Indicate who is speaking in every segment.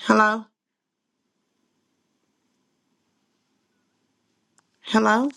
Speaker 1: Hello? Hello?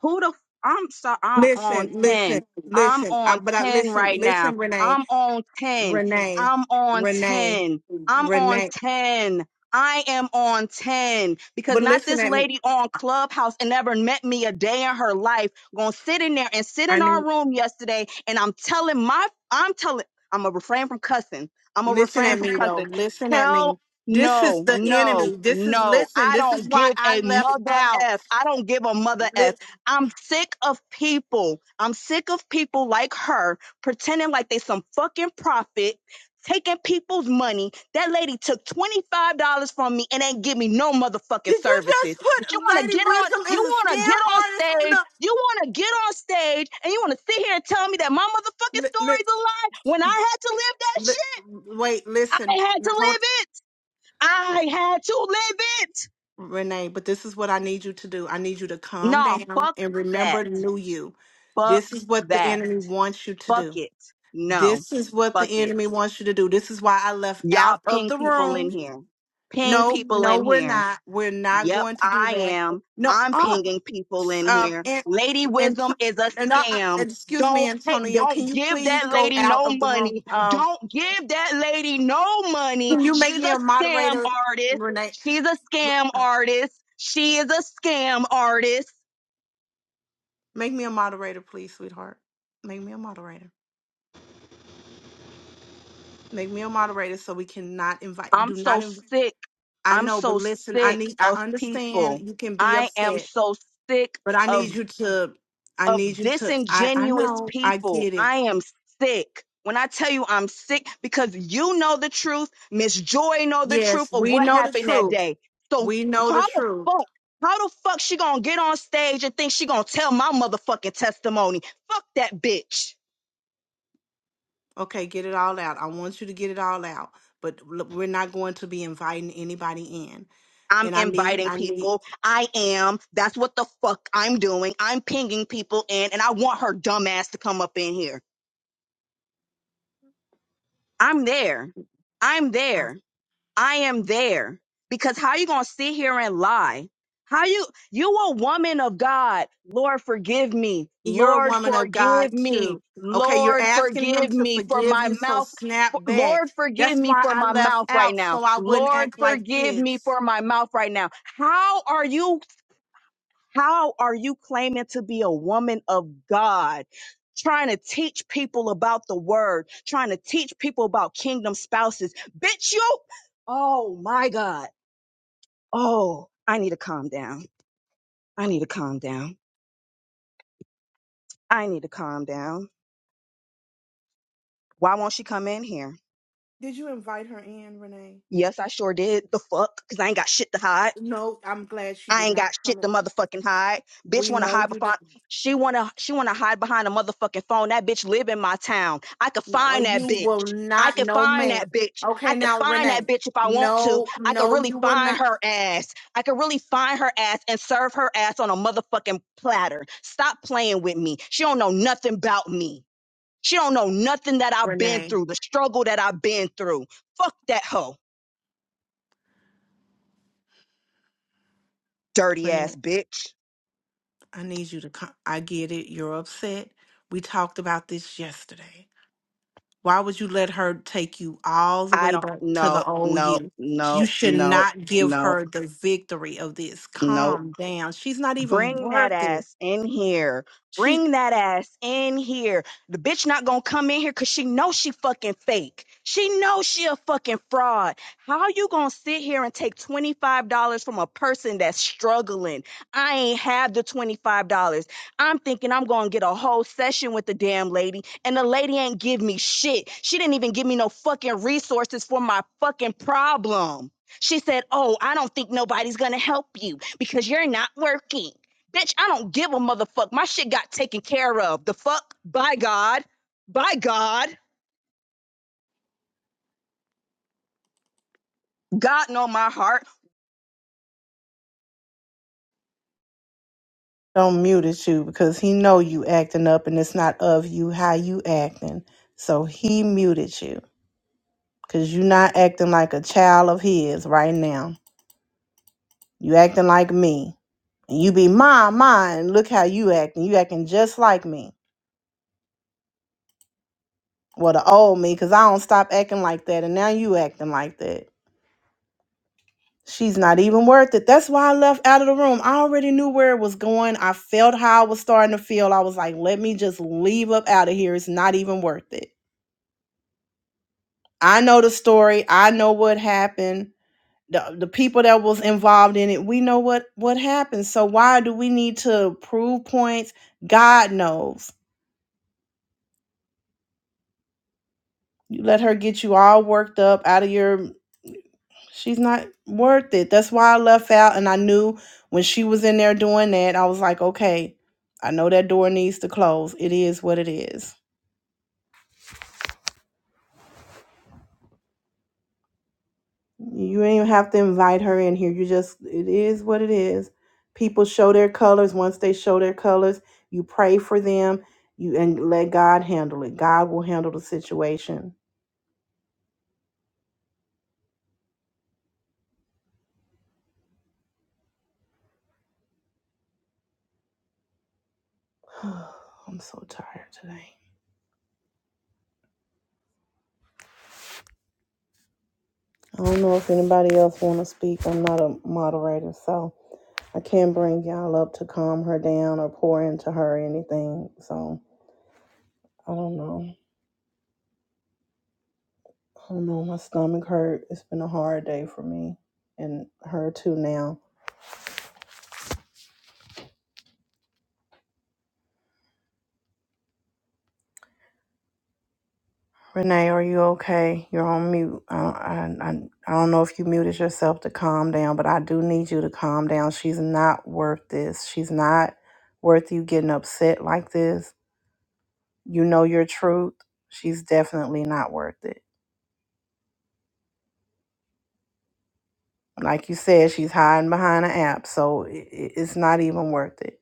Speaker 2: Who the f- I'm sorry, I'm on
Speaker 1: Listen, listen,
Speaker 2: 10. I'm
Speaker 1: listen. I,
Speaker 2: on
Speaker 1: but I
Speaker 2: 10
Speaker 1: listen,
Speaker 2: right now.
Speaker 1: listen, Renee,
Speaker 2: I'm on 10.
Speaker 1: Renee,
Speaker 2: I'm on
Speaker 1: Renee,
Speaker 2: 10. I'm on
Speaker 1: Renee.
Speaker 2: 10. I am on 10 because
Speaker 1: But
Speaker 2: not
Speaker 1: listen
Speaker 2: this
Speaker 1: at me.
Speaker 2: lady on Clubhouse and never met me a day in her life gonna sit in there and sit
Speaker 1: I
Speaker 2: in our
Speaker 1: need
Speaker 2: room yesterday and I'm telling my I'm telling I'm gonna refrain from cussing. I'm gonna
Speaker 1: listen
Speaker 2: refrain
Speaker 1: at
Speaker 2: from
Speaker 1: me though.
Speaker 2: cussing.
Speaker 1: Listen at me.
Speaker 2: Tell
Speaker 1: This is
Speaker 2: no,
Speaker 1: the enemy.
Speaker 2: no,
Speaker 1: This is
Speaker 2: no.
Speaker 1: listen.
Speaker 2: I
Speaker 1: This is
Speaker 2: don't
Speaker 1: why
Speaker 2: give
Speaker 1: I
Speaker 2: a
Speaker 1: left
Speaker 2: mother
Speaker 1: out.
Speaker 2: F. I don't give a mother
Speaker 1: Li-
Speaker 2: F. I'm sick of people. I'm sick of people like her pretending like they some fucking prophet, taking people's money. That lady took $25 from me and ain't give me no motherfucking
Speaker 1: Did you
Speaker 2: services.
Speaker 1: just
Speaker 2: But
Speaker 1: put
Speaker 2: you want
Speaker 1: Lady
Speaker 2: to get on,
Speaker 1: Wisdom
Speaker 2: you
Speaker 1: as a
Speaker 2: want to get
Speaker 1: scam
Speaker 2: on
Speaker 1: artist on
Speaker 2: stage,
Speaker 1: the?
Speaker 2: you want to get on stage and you want to sit here and tell me that my motherfucking
Speaker 1: Li-
Speaker 2: story's a
Speaker 1: li-
Speaker 2: lie when I had to live that shit.
Speaker 1: li- wait, listen.
Speaker 2: I had to live it. I had to live it.
Speaker 1: Renee, but this is what I need you to do. I need you to calm
Speaker 2: Nah,
Speaker 1: down
Speaker 2: fuck
Speaker 1: and
Speaker 2: that.
Speaker 1: remember the new you.
Speaker 2: Fuck
Speaker 1: This is what the
Speaker 2: that
Speaker 1: enemy wants you to do.
Speaker 2: bucket. No,
Speaker 1: This is what the
Speaker 2: bucket.
Speaker 1: enemy wants you to do. This is why I left
Speaker 2: Y'all
Speaker 1: out of
Speaker 2: ping
Speaker 1: the
Speaker 2: people in
Speaker 1: room.
Speaker 2: here. Ping
Speaker 1: No,
Speaker 2: people
Speaker 1: no,
Speaker 2: in
Speaker 1: we're
Speaker 2: here.
Speaker 1: not. We're not
Speaker 2: Yep,
Speaker 1: going to do
Speaker 2: I
Speaker 1: that.
Speaker 2: am.
Speaker 1: No,
Speaker 2: I'm
Speaker 1: uh,
Speaker 2: pinging people in
Speaker 1: uh,
Speaker 2: here.
Speaker 1: and
Speaker 2: Lady
Speaker 1: and
Speaker 2: Wisdom is a
Speaker 1: and uh, uh,
Speaker 2: scam.
Speaker 1: excuse me,
Speaker 2: Don't take,
Speaker 1: Antonio. Can
Speaker 2: don't
Speaker 1: you
Speaker 2: give
Speaker 1: please
Speaker 2: that
Speaker 1: go
Speaker 2: lady
Speaker 1: out
Speaker 2: no
Speaker 1: of the room?
Speaker 2: money.
Speaker 1: Um,
Speaker 2: Don't give that lady no money.
Speaker 1: can you make
Speaker 2: She's
Speaker 1: me
Speaker 2: a
Speaker 1: a
Speaker 2: scam
Speaker 1: moderator,
Speaker 2: artist.
Speaker 1: Renee?
Speaker 2: She's a scam artist. She is a scam artist.
Speaker 1: Make me a moderator, please, sweetheart. Make me a moderator. Make me a moderator so we cannot invite.
Speaker 2: I'm
Speaker 1: Do not
Speaker 2: so
Speaker 1: invite.
Speaker 2: sick.
Speaker 1: I
Speaker 2: I'm
Speaker 1: know, but
Speaker 2: so
Speaker 1: listen, I
Speaker 2: sick
Speaker 1: need. I
Speaker 2: of
Speaker 1: understand
Speaker 2: people.
Speaker 1: you can be
Speaker 2: I am
Speaker 1: upset,
Speaker 2: so sick
Speaker 1: but I
Speaker 2: of
Speaker 1: need you to. I
Speaker 2: of
Speaker 1: need you to. I I
Speaker 2: disingenuous
Speaker 1: know. I
Speaker 2: people.
Speaker 1: get it.
Speaker 2: I am sick. When I tell you I'm sick because you know the truth, Miss Joy know the
Speaker 1: Yes,
Speaker 2: truth of
Speaker 1: we
Speaker 2: what
Speaker 1: know the
Speaker 2: happened that
Speaker 1: truth.
Speaker 2: day. So
Speaker 1: We know the
Speaker 2: how the
Speaker 1: truth.
Speaker 2: fuck how the fuck she gonna get on stage and think she gonna tell my motherfucking testimony? Fuck that bitch.
Speaker 1: Okay, get it all out. I want you to get it all out, but look, we're not going to be inviting anybody in.
Speaker 2: I'm
Speaker 1: And I need.
Speaker 2: inviting
Speaker 1: I need.
Speaker 2: people. I am. That's what the fuck I'm doing. I'm pinging people in and I want her dumbass to come up in here. I'm there. I'm there. I am there. Because how you gonna sit here and lie? How you you a woman of God. Lord forgive me.
Speaker 1: you're a
Speaker 2: Lord
Speaker 1: woman of God
Speaker 2: forgive me.
Speaker 1: too. Okay, you're
Speaker 2: Lord
Speaker 1: asking him
Speaker 2: forgive
Speaker 1: to
Speaker 2: me for
Speaker 1: forgive
Speaker 2: my
Speaker 1: you, so
Speaker 2: mouth.
Speaker 1: snap
Speaker 2: for-
Speaker 1: back.
Speaker 2: Lord forgive
Speaker 1: That's
Speaker 2: me
Speaker 1: why
Speaker 2: for
Speaker 1: I
Speaker 2: my
Speaker 1: left
Speaker 2: mouth right
Speaker 1: out
Speaker 2: now.
Speaker 1: so I wouldn't
Speaker 2: Lord
Speaker 1: act like
Speaker 2: forgive me
Speaker 1: this.
Speaker 2: for my mouth right now. How are you How are you claiming to be a woman of God? Trying to teach people about the word, trying to teach people about kingdom spouses. Bitch, you. Oh my God. Oh, I need to calm down. I need to calm down. I need to calm down. Why won't she come in here?
Speaker 1: Did you invite her in, Renee?
Speaker 2: Yes, I sure did. The fuck? Because I ain't got shit to hide.
Speaker 1: No, I'm glad she
Speaker 2: I
Speaker 1: did
Speaker 2: ain't
Speaker 1: not
Speaker 2: got
Speaker 1: come
Speaker 2: shit
Speaker 1: in.
Speaker 2: to motherfucking hide. Bitch
Speaker 1: We
Speaker 2: wanna
Speaker 1: know
Speaker 2: hide
Speaker 1: you did.
Speaker 2: behind she wanna she wanna hide behind a motherfucking phone. That bitch live in my town. I could
Speaker 1: No,
Speaker 2: find that
Speaker 1: you
Speaker 2: bitch.
Speaker 1: will
Speaker 2: I
Speaker 1: not.
Speaker 2: could
Speaker 1: No,
Speaker 2: find
Speaker 1: ma'am.
Speaker 2: that bitch.
Speaker 1: Okay,
Speaker 2: I could
Speaker 1: now
Speaker 2: find
Speaker 1: Renee.
Speaker 2: that bitch if I want to.
Speaker 1: No,
Speaker 2: I could
Speaker 1: no,
Speaker 2: really
Speaker 1: you will
Speaker 2: find
Speaker 1: not.
Speaker 2: her ass. I could really find her ass and serve her ass on a motherfucking platter. Stop playing with me. She don't know nothing about me. She don't know nothing that I've been
Speaker 1: Renee,
Speaker 2: through, the struggle that I've been through. Fuck that hoe, dirty
Speaker 1: Renee,
Speaker 2: ass bitch.
Speaker 1: I need you to come. I get it. You're upset. We talked about this yesterday. Why would you let her take you all the
Speaker 2: I
Speaker 1: way
Speaker 2: don't.
Speaker 1: back to the
Speaker 2: No.
Speaker 1: old
Speaker 2: No.
Speaker 1: you? You
Speaker 2: No.
Speaker 1: should
Speaker 2: No.
Speaker 1: not give
Speaker 2: No.
Speaker 1: her the victory of this.
Speaker 2: No.
Speaker 1: Calm down. She's not even
Speaker 2: Bring that
Speaker 1: worth it.
Speaker 2: ass in here.
Speaker 1: She
Speaker 2: Bring that ass in here. The bitch not gonna come in here cause she know she fucking fake. She know she a fucking fraud. How you gonna sit here and take $25 from a person that's struggling? I ain't have the $25. I'm thinking I'm gonna get a whole session with the damn lady and the lady ain't give me shit. She didn't even give me no fucking resources for my fucking problem. She said, Oh, I don't think nobody's gonna help you because you're not working. Bitch, I don't give a motherfuck. My shit got taken care of. The fuck? By God. By God. God know my heart.
Speaker 1: Don't mute at you because he know you acting up and it's not of you how you acting. So he muted you because you not acting like a child of his right now. You acting like me. And you be mine, mine. Look how you acting. You acting just like me. Well, the old me because I don't stop acting like that and now you acting like that. She's not even worth it. That's why I left out of the room. I already knew where it was going. I felt how I was starting to feel. I was like, let me just leave up out of here. It's not even worth it. I know the story. I know what happened. The, the people that was involved in it, we know what what happened. So why do we need to prove points? God knows. You let her get you all worked up out of your she's not worth it. That's why I left out and I knew when she was in there doing that, I was like, okay, I know that door needs to close. It is what it is. You ain't even have to invite her in here. You just it is what it is. People show their colors. Once they show their colors, you pray for them. You and let God handle it. God will handle the situation. I'm so tired today. I don't know if anybody else want to speak. I'm not a moderator, so I can't bring y'all up to calm her down or pour into her or anything. So I don't know. I don't know. My stomach hurt. It's been a hard day for me and her too now. Renee, are you okay? You're on mute. I, I, I, I don't know if you muted yourself to calm down, but I do need you to calm down. She's not worth this. She's not worth you getting upset like this. You know your truth. She's definitely not worth it. Like you said, she's hiding behind an app, so it, it's not even worth it.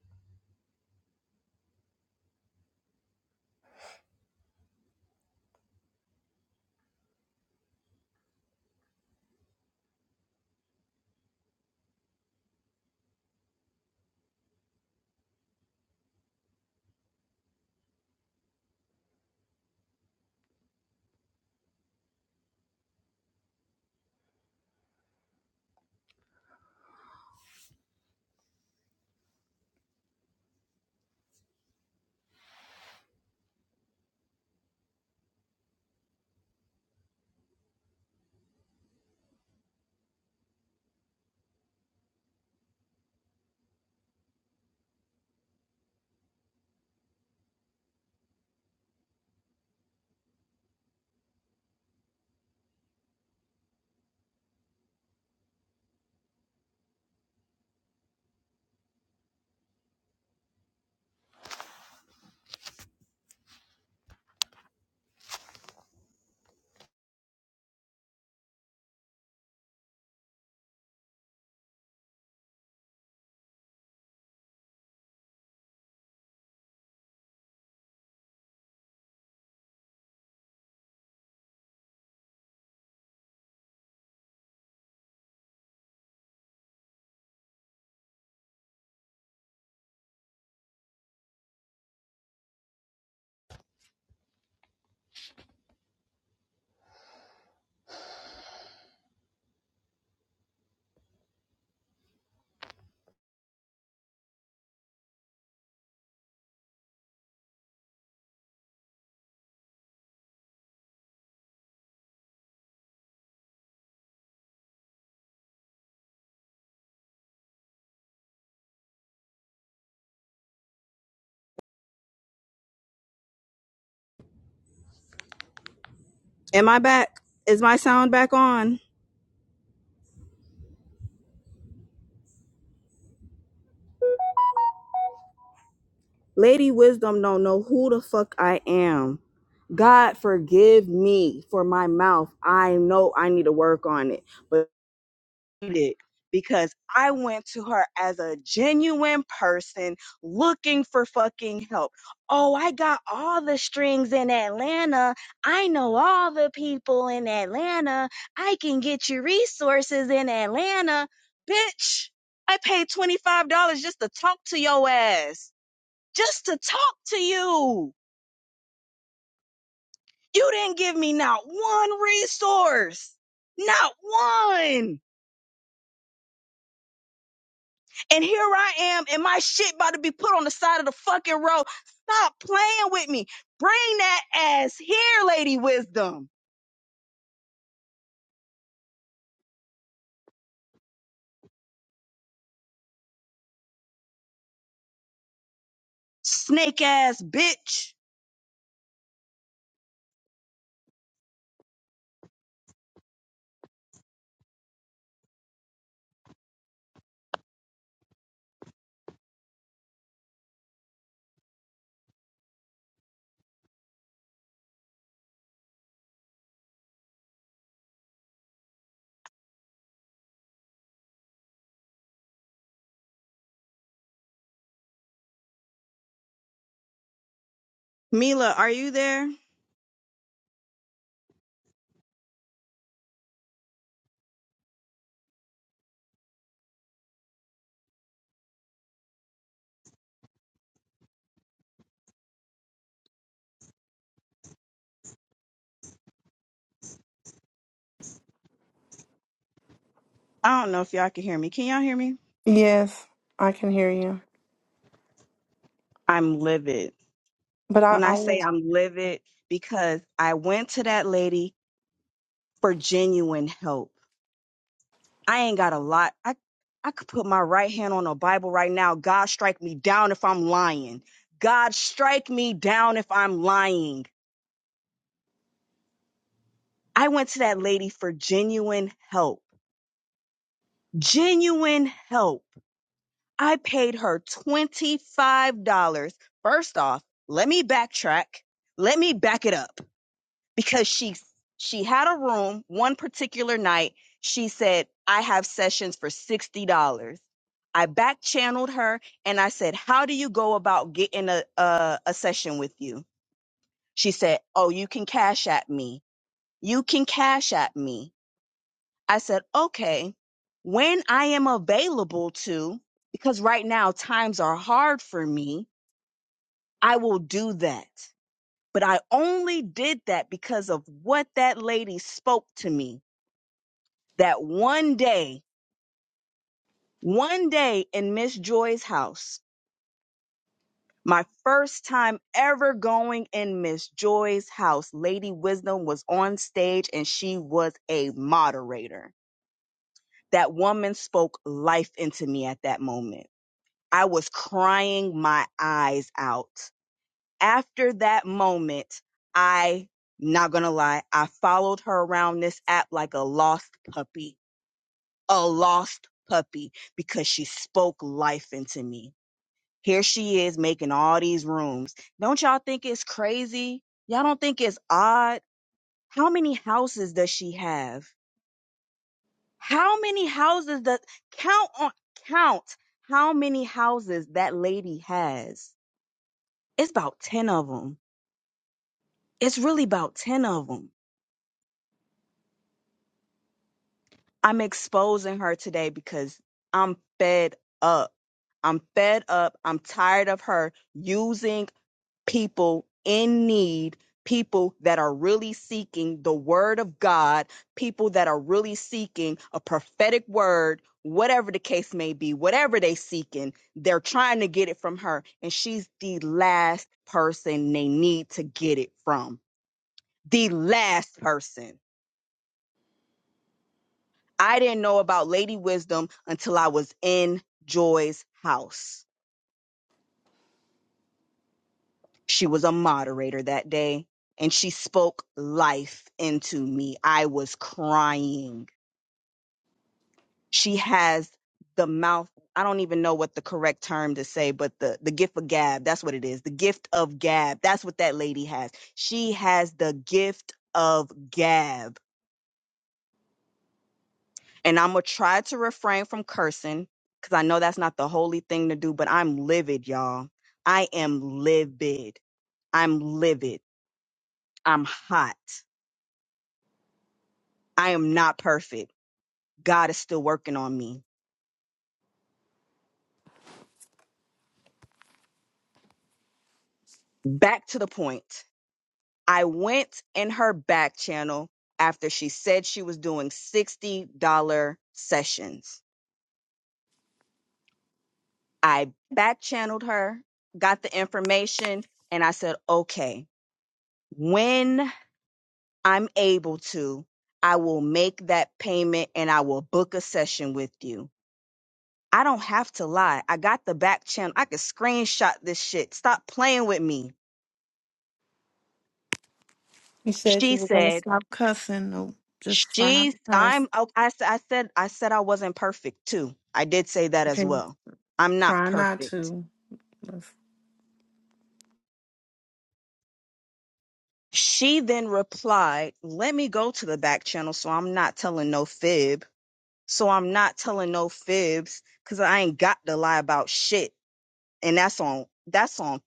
Speaker 2: Am I back? Is my sound back on? Lady Wisdom don't know who the fuck I am. God forgive me for my mouth. I know I need to work on it. But it because I went to her as a genuine person looking for fucking help. Oh, I got all the strings in Atlanta. I know all the people in Atlanta. I can get you resources in Atlanta. Bitch, I paid $25 just to talk to your ass, just to talk to you. You didn't give me not one resource, not one. And here I am, and my shit about to be put on the side of the fucking road. Stop playing with me. Bring that ass here, Lady Wisdom. Snake ass bitch. Mila, are you there? I don't know if y'all can hear me. Can y'all hear me?
Speaker 1: Yes, I can hear you.
Speaker 2: I'm livid.
Speaker 1: But I,
Speaker 2: When
Speaker 1: I
Speaker 2: I say
Speaker 1: was,
Speaker 2: I'm livid, because I went to that lady for genuine help. I ain't got a lot. I I could put my right hand on a Bible right now. God strike me down if I'm lying. God strike me down if I'm lying. I went to that lady for genuine help. Genuine help. I paid her $25. First off, let me backtrack. Let me back it up because she she had a room one particular night. She said, "I have sessions for $60." I back channeled her and I said, "How do you go about getting a a, a session with you?" She said, "Oh, you can cash at me. You can cash at me." I said, okay, when I am available to, because right now times are hard for me, I will do that. But I only did that because of what that lady spoke to me that one day, one day in Miss Joy's house, my first time ever going in Miss Joy's house, Lady Wisdom was on stage and she was a moderator. That woman spoke life into me at that moment I was crying my eyes out. After that moment, I, not gonna lie, I followed her around this app like a lost puppy, a lost puppy, because she spoke life into me. Here she is making all these rooms. Don't y'all think it's crazy? Y'all don't think it's odd? How many houses does she have? How many houses does count on count how many houses that lady has? It's about 10 of them. It's really about 10 of them. I'm exposing her today because I'm fed up. I'm fed up. I'm tired of her using people in need, people that are really seeking the word of God, people that are really seeking a prophetic word, whatever the case may be, whatever they seeking, they're trying to get it from her and she's the last person they need to get it from. The last person. I didn't know about Lady Wisdom until I was in Joy's house. She was a moderator that day and she spoke life into me. I was crying. She has the mouth. I don't even know what the correct term to say, but the, the gift of gab, that's what it is. The gift of gab. That's what that lady has. She has the gift of gab and I'm gonna try to refrain from cursing because I know that's not the holy thing to do, but I'm livid, y'all. I am livid. I'm livid. I'm hot. I am not perfect. God is still working on me. Back to the point. I went in her back channel after she said she was doing $60 sessions. I back channeled her, got the information, and I said, okay, when I'm able to, I will make that payment and I will book a session with you. I don't have to lie. I got the back channel. I could screenshot this shit. Stop playing with me.
Speaker 1: you said you
Speaker 2: She
Speaker 1: were going to
Speaker 2: said,
Speaker 1: stop cussing. No, just try not
Speaker 2: she's,
Speaker 1: to cuss.
Speaker 2: I'm, oh, I, s- I said, I said I wasn't perfect too. I did say that as
Speaker 1: Okay,
Speaker 2: well. I'm not
Speaker 1: try not
Speaker 2: perfect.
Speaker 1: to.
Speaker 2: She then replied, let me go to the back channel so I'm not telling no fib. So I'm not telling no fibs because I ain't got to lie about shit. and that's on that's on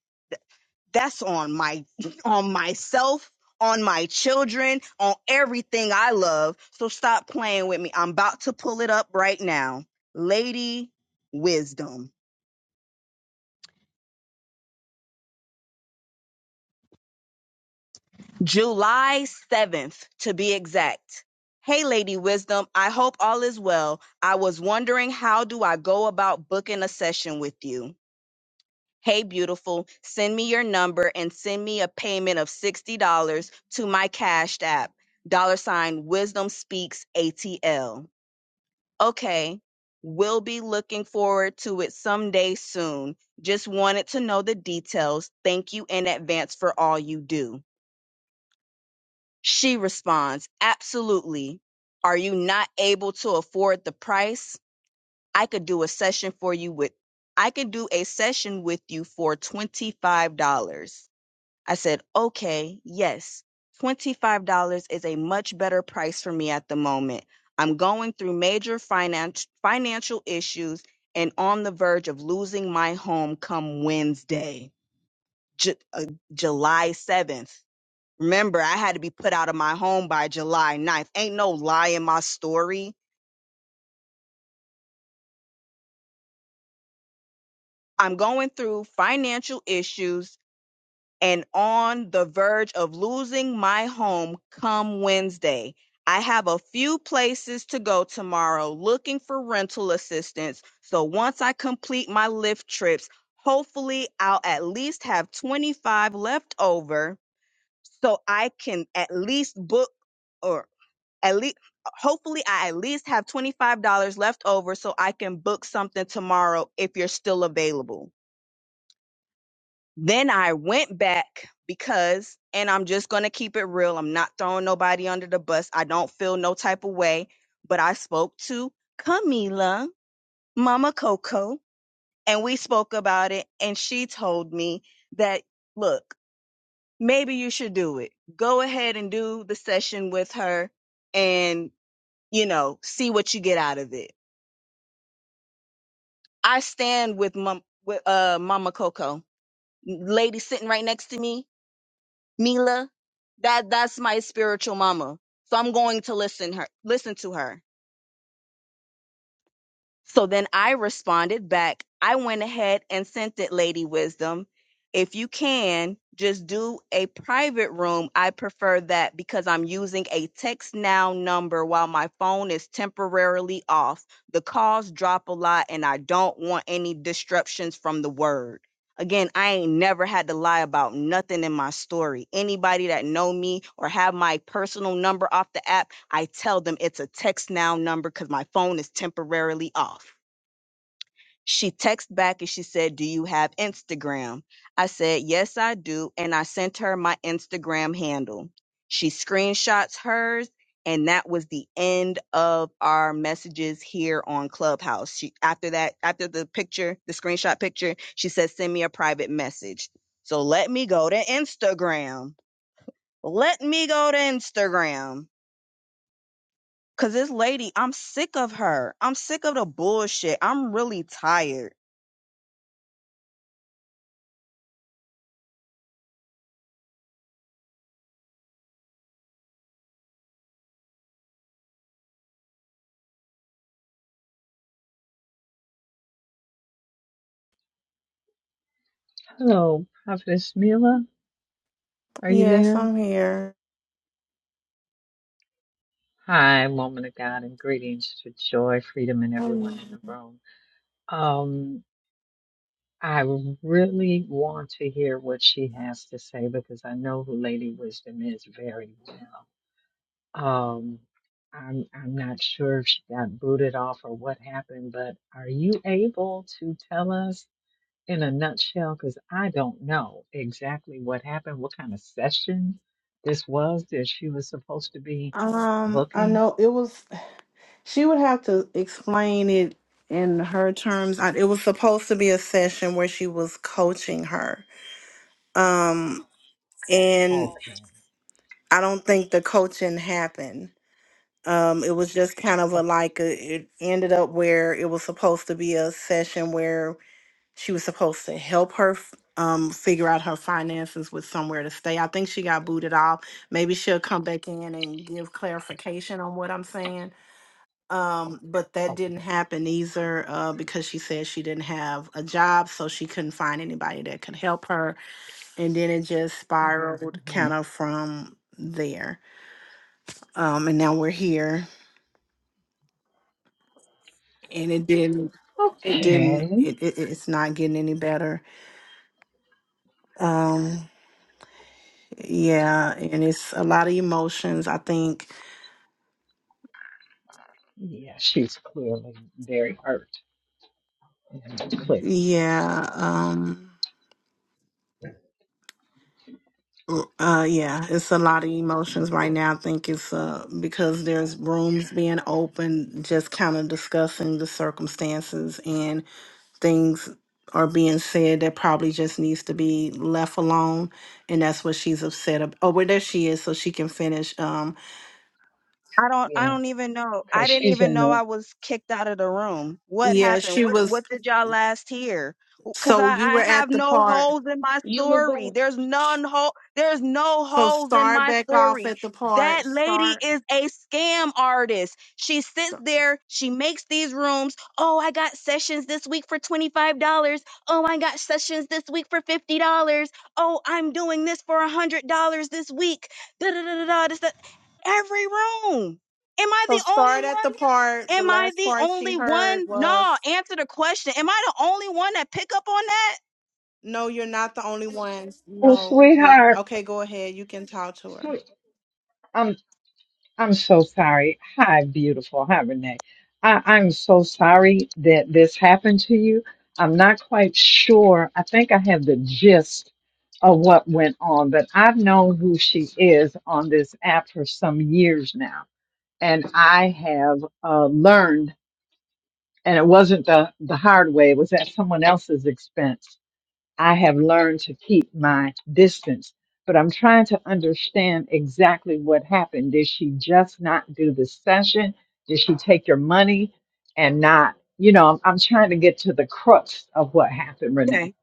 Speaker 2: that's on my on myself on my children on everything i love so stop playing with me i'm about to pull it up right now lady wisdom july 7th to be exact hey lady wisdom i hope all is well i was wondering how do i go about booking a session with you Hey, beautiful, send me your number and send me a payment of $60 to my Cash App, dollar sign Wisdom Speaks ATL. Okay, we'll be looking forward to it someday soon. Just wanted to know the details. Thank you in advance for all you do. She responds, Absolutely. Are you not able to afford the price? I could do a session for you with I could do a session with you for $25. I said, okay, yes, $25 is a much better price for me at the moment. I'm going through major finan- financial issues and on the verge of losing my home come Wednesday, Ju- uh, July 7th. Remember, I had to be put out of my home by July ninth. Ain't no lie in my story. I'm going through financial issues and on the verge of losing my home come Wednesday. I have a few places to go tomorrow looking for rental assistance. So once I complete my Lyft trips, hopefully I'll at least have 25 left over so I can at least book or at least hopefully I at least have $25 left over so I can book something tomorrow if you're still available. Then I went back because, and I'm just going to keep it real. I'm not throwing nobody under the bus. I don't feel no type of way, but I spoke to Camila, Mama Coco, and we spoke about it. And she told me that, look, maybe you should do it. Go ahead and do the session with her and, you know, see what you get out of it. I stand with, Mom, with uh, Mama Coco, lady sitting right next to me. Mila, that that's my spiritual mama. So I'm going to listen her listen to her. So then I responded back. I went ahead and sent it, Lady Wisdom. If you can, just do a private room. I prefer that because I'm using a text now number while my phone is temporarily off. The calls drop a lot and I don't want any disruptions from the word. Again, I ain't never had to lie about nothing in my story. Anybody that know me or have my personal number off the app I tell them it's a text now number because my phone is temporarily off. She texted back and she said, Do you have Instagram? I said, Yes, I do. And I sent her my Instagram handle. She screenshots hers, and that was the end of our messages here on Clubhouse. She, after that, after the picture, the screenshot picture, she said, Send me a private message. So let me go to Instagram. Let me go to Instagram Cause this lady, I'm sick of her. I'm sick of the bullshit. I'm really tired.
Speaker 3: Hello, Prophetess Mila. Are you
Speaker 1: Yes,
Speaker 3: there?
Speaker 1: I'm here.
Speaker 3: Hi, woman of God, and greetings to joy, freedom, and everyone
Speaker 1: Um,
Speaker 3: in the room. Um, I really want to hear what she has to say because I know who Lady Wisdom is very well. Um, I'm I'm not sure if she got booted off or what happened, but are you able to tell us? in a nutshell because I don't know exactly what happened, what kind of session this was that she was supposed to be
Speaker 1: um, I
Speaker 3: booking.
Speaker 1: know it was, she would have to explain it in her terms. I, it was supposed to be a session where she was coaching her. Um, and
Speaker 3: Okay,
Speaker 1: I don't think the coaching happened. Um, it was just kind of a
Speaker 3: okay,
Speaker 1: like a, it ended up where it was supposed to be a session where she was supposed to help her f- um figure out her finances with somewhere to stay. I think she got booted off. Maybe she'll come back in and give clarification on what I'm saying. Um, but that
Speaker 3: okay,
Speaker 1: didn't happen either uh, because she said she didn't have a job, so she couldn't find anybody that could help her. And then it just spiraled
Speaker 3: hmm
Speaker 1: kind of from there. Um, and now we're here and it didn't it didn't
Speaker 3: Okay.
Speaker 1: it, it it's not getting any better um yeah and it's a lot of emotions i think
Speaker 3: Yeah, she's clearly very hurt. Yeah, clearly.
Speaker 1: yeah um uh yeah it's a lot of emotions right now i think it's uh because there's rooms being open just kind of discussing the circumstances and things are being said that probably just needs to be left alone and that's what she's upset about oh well there she is so she can finish um
Speaker 2: I don't I
Speaker 3: Yeah,
Speaker 2: don't even know. I
Speaker 3: because
Speaker 2: didn't
Speaker 3: she's
Speaker 2: even
Speaker 3: in
Speaker 2: know
Speaker 3: a
Speaker 2: I was kicked out of the room. What
Speaker 1: yeah,
Speaker 2: happened?
Speaker 1: she
Speaker 2: What
Speaker 1: was
Speaker 2: what did y'all last hear? Cuz
Speaker 1: So
Speaker 2: I
Speaker 1: you were
Speaker 2: I have
Speaker 1: at the
Speaker 2: no
Speaker 1: part.
Speaker 2: holes in my
Speaker 4: You were
Speaker 2: story.
Speaker 4: going.
Speaker 2: There's none hole there's no
Speaker 1: So
Speaker 2: holes in
Speaker 1: start
Speaker 2: my
Speaker 1: back off
Speaker 2: story.
Speaker 1: at the
Speaker 2: That
Speaker 1: part.
Speaker 2: lady
Speaker 1: Start.
Speaker 2: is a scam artist. She sits there, she makes these rooms. Oh, I got sessions this week for $25. Oh, I got sessions this week for $50. Oh, I'm doing this for $100 this week da da da da da. Every room. Am I
Speaker 1: So
Speaker 2: the only
Speaker 1: start at the
Speaker 2: one?
Speaker 1: part. The
Speaker 2: Am I
Speaker 1: last
Speaker 2: the
Speaker 1: part she
Speaker 2: only
Speaker 1: heard
Speaker 2: one? No,
Speaker 1: was,
Speaker 2: answer the question. Am I the only one that pick up on that?
Speaker 1: "No, you're not the only ones.
Speaker 3: well,
Speaker 1: No, you're
Speaker 3: sweetheart.
Speaker 1: okay. Go ahead. You can talk to her."
Speaker 3: Sweet. I'm so sorry. Hi, beautiful. Hi, Renee. I, I'm so sorry that this happened to you. I'm not quite sure. I think I have the gist of what went on, but I've known who she is on this app for some years now. And I have uh, learned, and it wasn't the, the hard way, it was at someone else's expense I have learned to keep my distance, but I'm trying to understand exactly what happened. Did she just not do the session? Did she take your money and not, you know, I'm, I'm trying to get to the crux of what happened, Renee.
Speaker 2: Okay.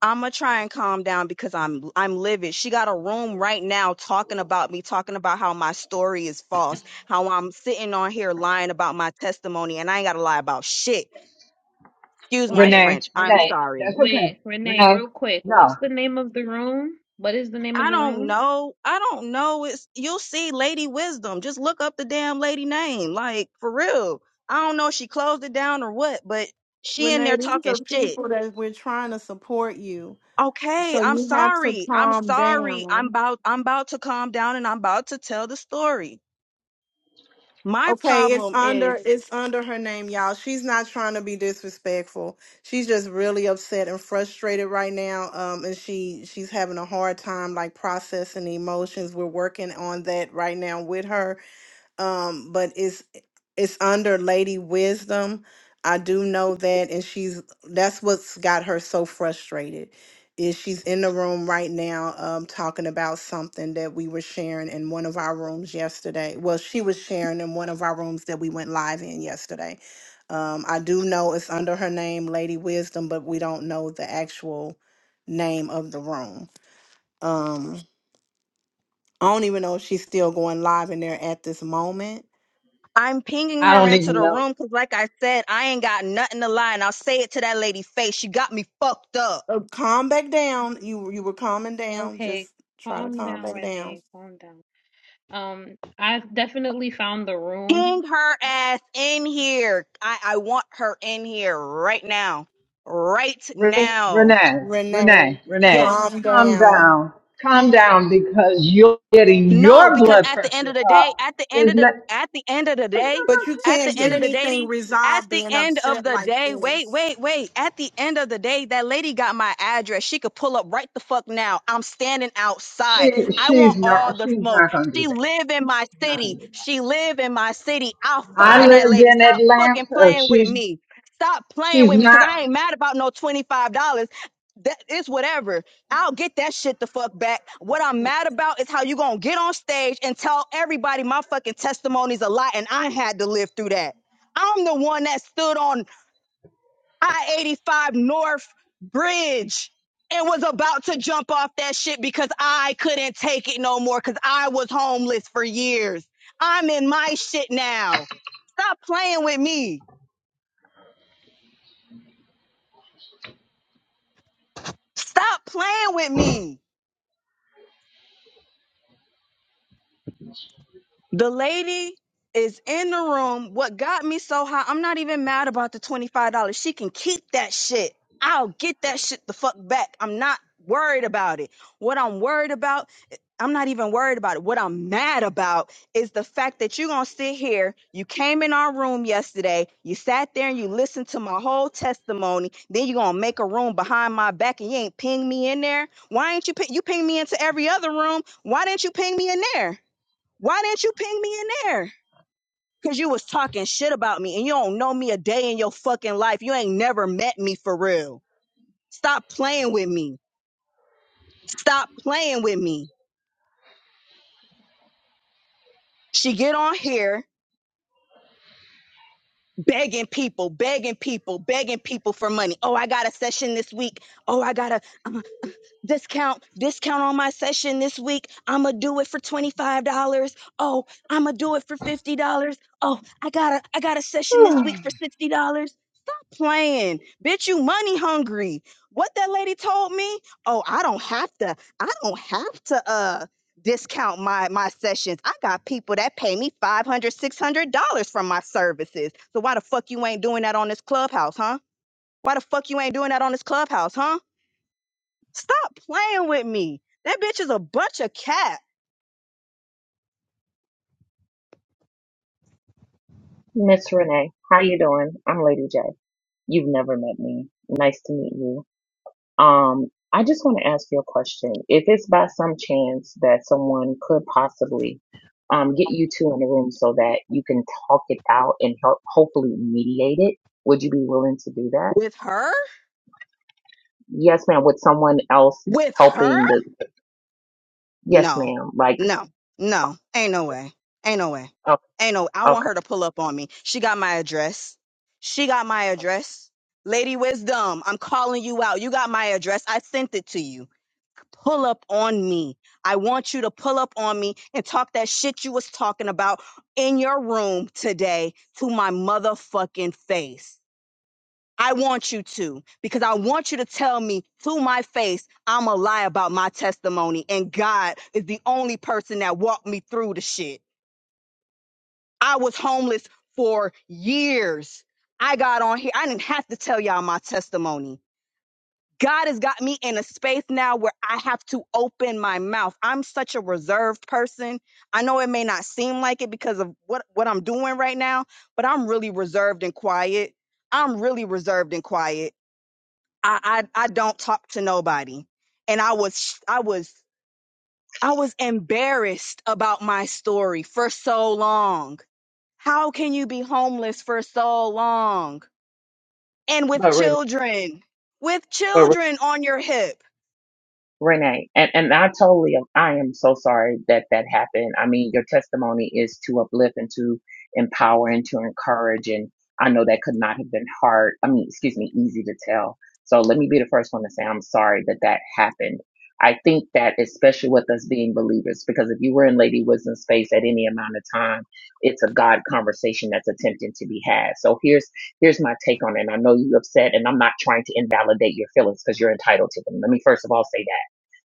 Speaker 2: I'ma try and calm down because I'm I'm livid. She got a room right now talking about me, talking about how my story is false, how I'm sitting on here lying about my testimony, and I ain't gotta lie about shit. Excuse my
Speaker 4: Okay,
Speaker 3: Renee,
Speaker 2: French. I'm
Speaker 3: Renee,
Speaker 4: wait,
Speaker 2: sorry.
Speaker 3: that's okay.
Speaker 4: wait, Renee,
Speaker 3: Renee,
Speaker 4: real quick. What's
Speaker 3: no,
Speaker 4: the name of the room? What is the name of
Speaker 2: I
Speaker 4: the
Speaker 2: don't
Speaker 4: room?
Speaker 2: know. I don't know. It's you'll see Lady Wisdom. Just look up the damn lady name. Like for real. I don't know if she closed it down or what, but she in
Speaker 1: Renee,
Speaker 2: there
Speaker 1: these
Speaker 2: talking
Speaker 1: are
Speaker 2: shit.
Speaker 1: people that we're trying to support you.
Speaker 2: Okay,
Speaker 1: So
Speaker 2: I'm
Speaker 1: you have to
Speaker 2: sorry. I'm
Speaker 1: calm
Speaker 2: sorry. I'm
Speaker 1: down.
Speaker 2: about I'm about to calm down and I'm about to tell the story. My
Speaker 1: Okay, it's
Speaker 2: problem is
Speaker 1: under it's under her name, y'all. She's not trying to be disrespectful. She's just really upset and frustrated right now. Um, and she she's having a hard time like processing the emotions. We're working on that right now with her um but it's it's under lady wisdom i do know that and she's that's what's got her so frustrated is she's in the room right now um talking about something that we were sharing in one of our rooms yesterday well she was sharing in one of our rooms that we went live in yesterday um i do know it's under her name lady wisdom but we don't know the actual name of the room um i don't even know if she's still going live in there at this moment
Speaker 2: I'm pinging
Speaker 3: I
Speaker 2: her
Speaker 3: don't
Speaker 2: into
Speaker 3: even
Speaker 2: the
Speaker 3: know.
Speaker 2: room because like I said, I ain't got nothing to lie and I'll say it to that lady face. She got me fucked up.
Speaker 1: Oh, calm back down. You you were calming down.
Speaker 4: Okay,
Speaker 1: Just try to
Speaker 4: calm
Speaker 1: calm
Speaker 4: down,
Speaker 1: back down.
Speaker 4: Renee. Calm down. Um, I've definitely found the room.
Speaker 2: Ping her ass in here. I, I want her in here right now. Right
Speaker 3: Renee,
Speaker 2: now.
Speaker 3: Renee,
Speaker 1: Renee,
Speaker 3: Renee, Renee,
Speaker 2: Yes.
Speaker 1: calm
Speaker 3: calm
Speaker 1: down.
Speaker 3: down, calm down because you're getting
Speaker 2: No,
Speaker 3: your
Speaker 2: because
Speaker 3: blood
Speaker 2: at the end
Speaker 3: pressure
Speaker 2: of the day,
Speaker 3: up.
Speaker 2: at the end
Speaker 3: Is
Speaker 2: of
Speaker 3: that,
Speaker 2: the at the end of the
Speaker 3: it's not going
Speaker 2: day,
Speaker 1: But you
Speaker 2: at
Speaker 3: to
Speaker 1: can't
Speaker 2: the
Speaker 1: get
Speaker 2: end
Speaker 3: change
Speaker 2: of
Speaker 3: it.
Speaker 2: the day,
Speaker 1: anything
Speaker 2: Dee, at
Speaker 1: resolved
Speaker 2: the
Speaker 1: being
Speaker 2: end of
Speaker 1: upset
Speaker 2: the
Speaker 1: like
Speaker 2: day, wait,
Speaker 1: this.
Speaker 2: wait, wait. At the end of the day, that lady got my address. She could pull up right the fuck now. I'm standing
Speaker 3: She
Speaker 2: outside. I want
Speaker 3: she's not
Speaker 2: all the
Speaker 3: she's
Speaker 2: smoke.
Speaker 3: not gonna do
Speaker 2: She
Speaker 3: that.
Speaker 2: live in my
Speaker 3: She's not gonna
Speaker 2: city.
Speaker 3: do that.
Speaker 2: She live in my city. I'll
Speaker 3: I
Speaker 2: find that
Speaker 3: lived
Speaker 2: lady.
Speaker 3: in
Speaker 2: Stop fucking
Speaker 3: Atlanta.
Speaker 2: playing with
Speaker 3: She's
Speaker 2: me. Stop playing
Speaker 3: she's
Speaker 2: with me because
Speaker 3: not.
Speaker 2: I ain't mad about no $25. That it's whatever. I'll get that shit the fuck back. What I'm mad about is how you gonna get on stage and tell everybody my fucking testimony's a lie and I had to live through that. I'm the one that stood on I-85 North Bridge and was about to jump off that shit because I couldn't take it no more because I was homeless for years. I'm in my shit now. Stop playing with me. Stop playing with me. The lady is in the room. What got me so high, I'm not even mad about the $25. She can keep that shit. I'll get that shit the fuck back. I'm not worried about it. What I'm worried about, I'm not even worried about it. What I'm mad about is the fact that you're going to sit here. You came in our room yesterday. You sat there and you listened to my whole testimony. Then you're going to make a room behind my back and you ain't ping me in there. Why ain't you ping? You ping me into every other room. Why didn't you ping me in there? Why didn't you ping me in there? Cause you was talking shit about me and you don't know me a day in your fucking life. You ain't never met me for real. Stop playing with me. Stop playing with me. She get on here begging people, begging people, begging people for money. Oh, I got a session this week. Oh, I gotta discount discount on my session this week i'm gonna do it for $25 oh i'm gonna do it for $50 oh i got a i got a session this week for $60 stop playing bitch you money hungry what that lady told me oh i don't have to i don't have to uh discount my my sessions i got people that pay me $500 $600 for my services so why the fuck you ain't doing that on this clubhouse huh why the fuck you ain't doing that on this clubhouse huh Stop playing with me. That bitch is a bunch of cat.
Speaker 5: Miss Renee, how you doing? I'm Lady J. You've never met me. Nice to meet you. Um, I just want to ask you a question. If it's by some chance that someone could possibly um get you two in a room so that you can talk it out and help hopefully mediate it, would you be willing to do that?
Speaker 2: With her?
Speaker 5: Yes, ma'am. With someone else
Speaker 2: With her?
Speaker 5: helping the yes,
Speaker 2: No.
Speaker 5: ma'am. Like,
Speaker 2: No.
Speaker 5: oh,
Speaker 2: No. Ain't no way. Ain't no way.
Speaker 5: okay,
Speaker 2: Ain't no I want
Speaker 5: okay.
Speaker 2: her to pull up on me. She got my address. She got my address. Lady Wisdom, I'm calling you out. You got my address. I sent it to you. Pull up on me. I want you to pull up on me and talk that shit you was talking about in your room today to my motherfucking face. I want you to, because I want you to tell me to my face, I'm a lie about my testimony. And God is the only person that walked me through the shit. I was homeless for years. I got on here. I didn't have to tell y'all my testimony. God has got me in a space now where I have to open my mouth. I'm such a reserved person. I know it may not seem like it because of what, what I'm doing right now, but I'm really reserved and quiet. I'm really reserved and quiet I, I I don't talk to nobody. And I was I was I was embarrassed about my story for so long. How can you be homeless for so long? And with
Speaker 5: But Renee,
Speaker 2: children, with
Speaker 5: but Renee.
Speaker 2: children on your hip.
Speaker 5: Renee, and, and I totally, I am so sorry that that happened. I mean, your testimony is to uplift and to empower and to encourage. And I know that could not have been hard. I mean, excuse me, easy to tell. So let me be the first one to say, I'm sorry that that happened. I think that especially with us being believers, because if you were in Lady Wisdom space at any amount of time, it's a God conversation that's attempting to be had. So here's here's my take on it. And I know you're upset, and I'm not trying to invalidate your feelings because you're entitled to them. Let me first of all say that.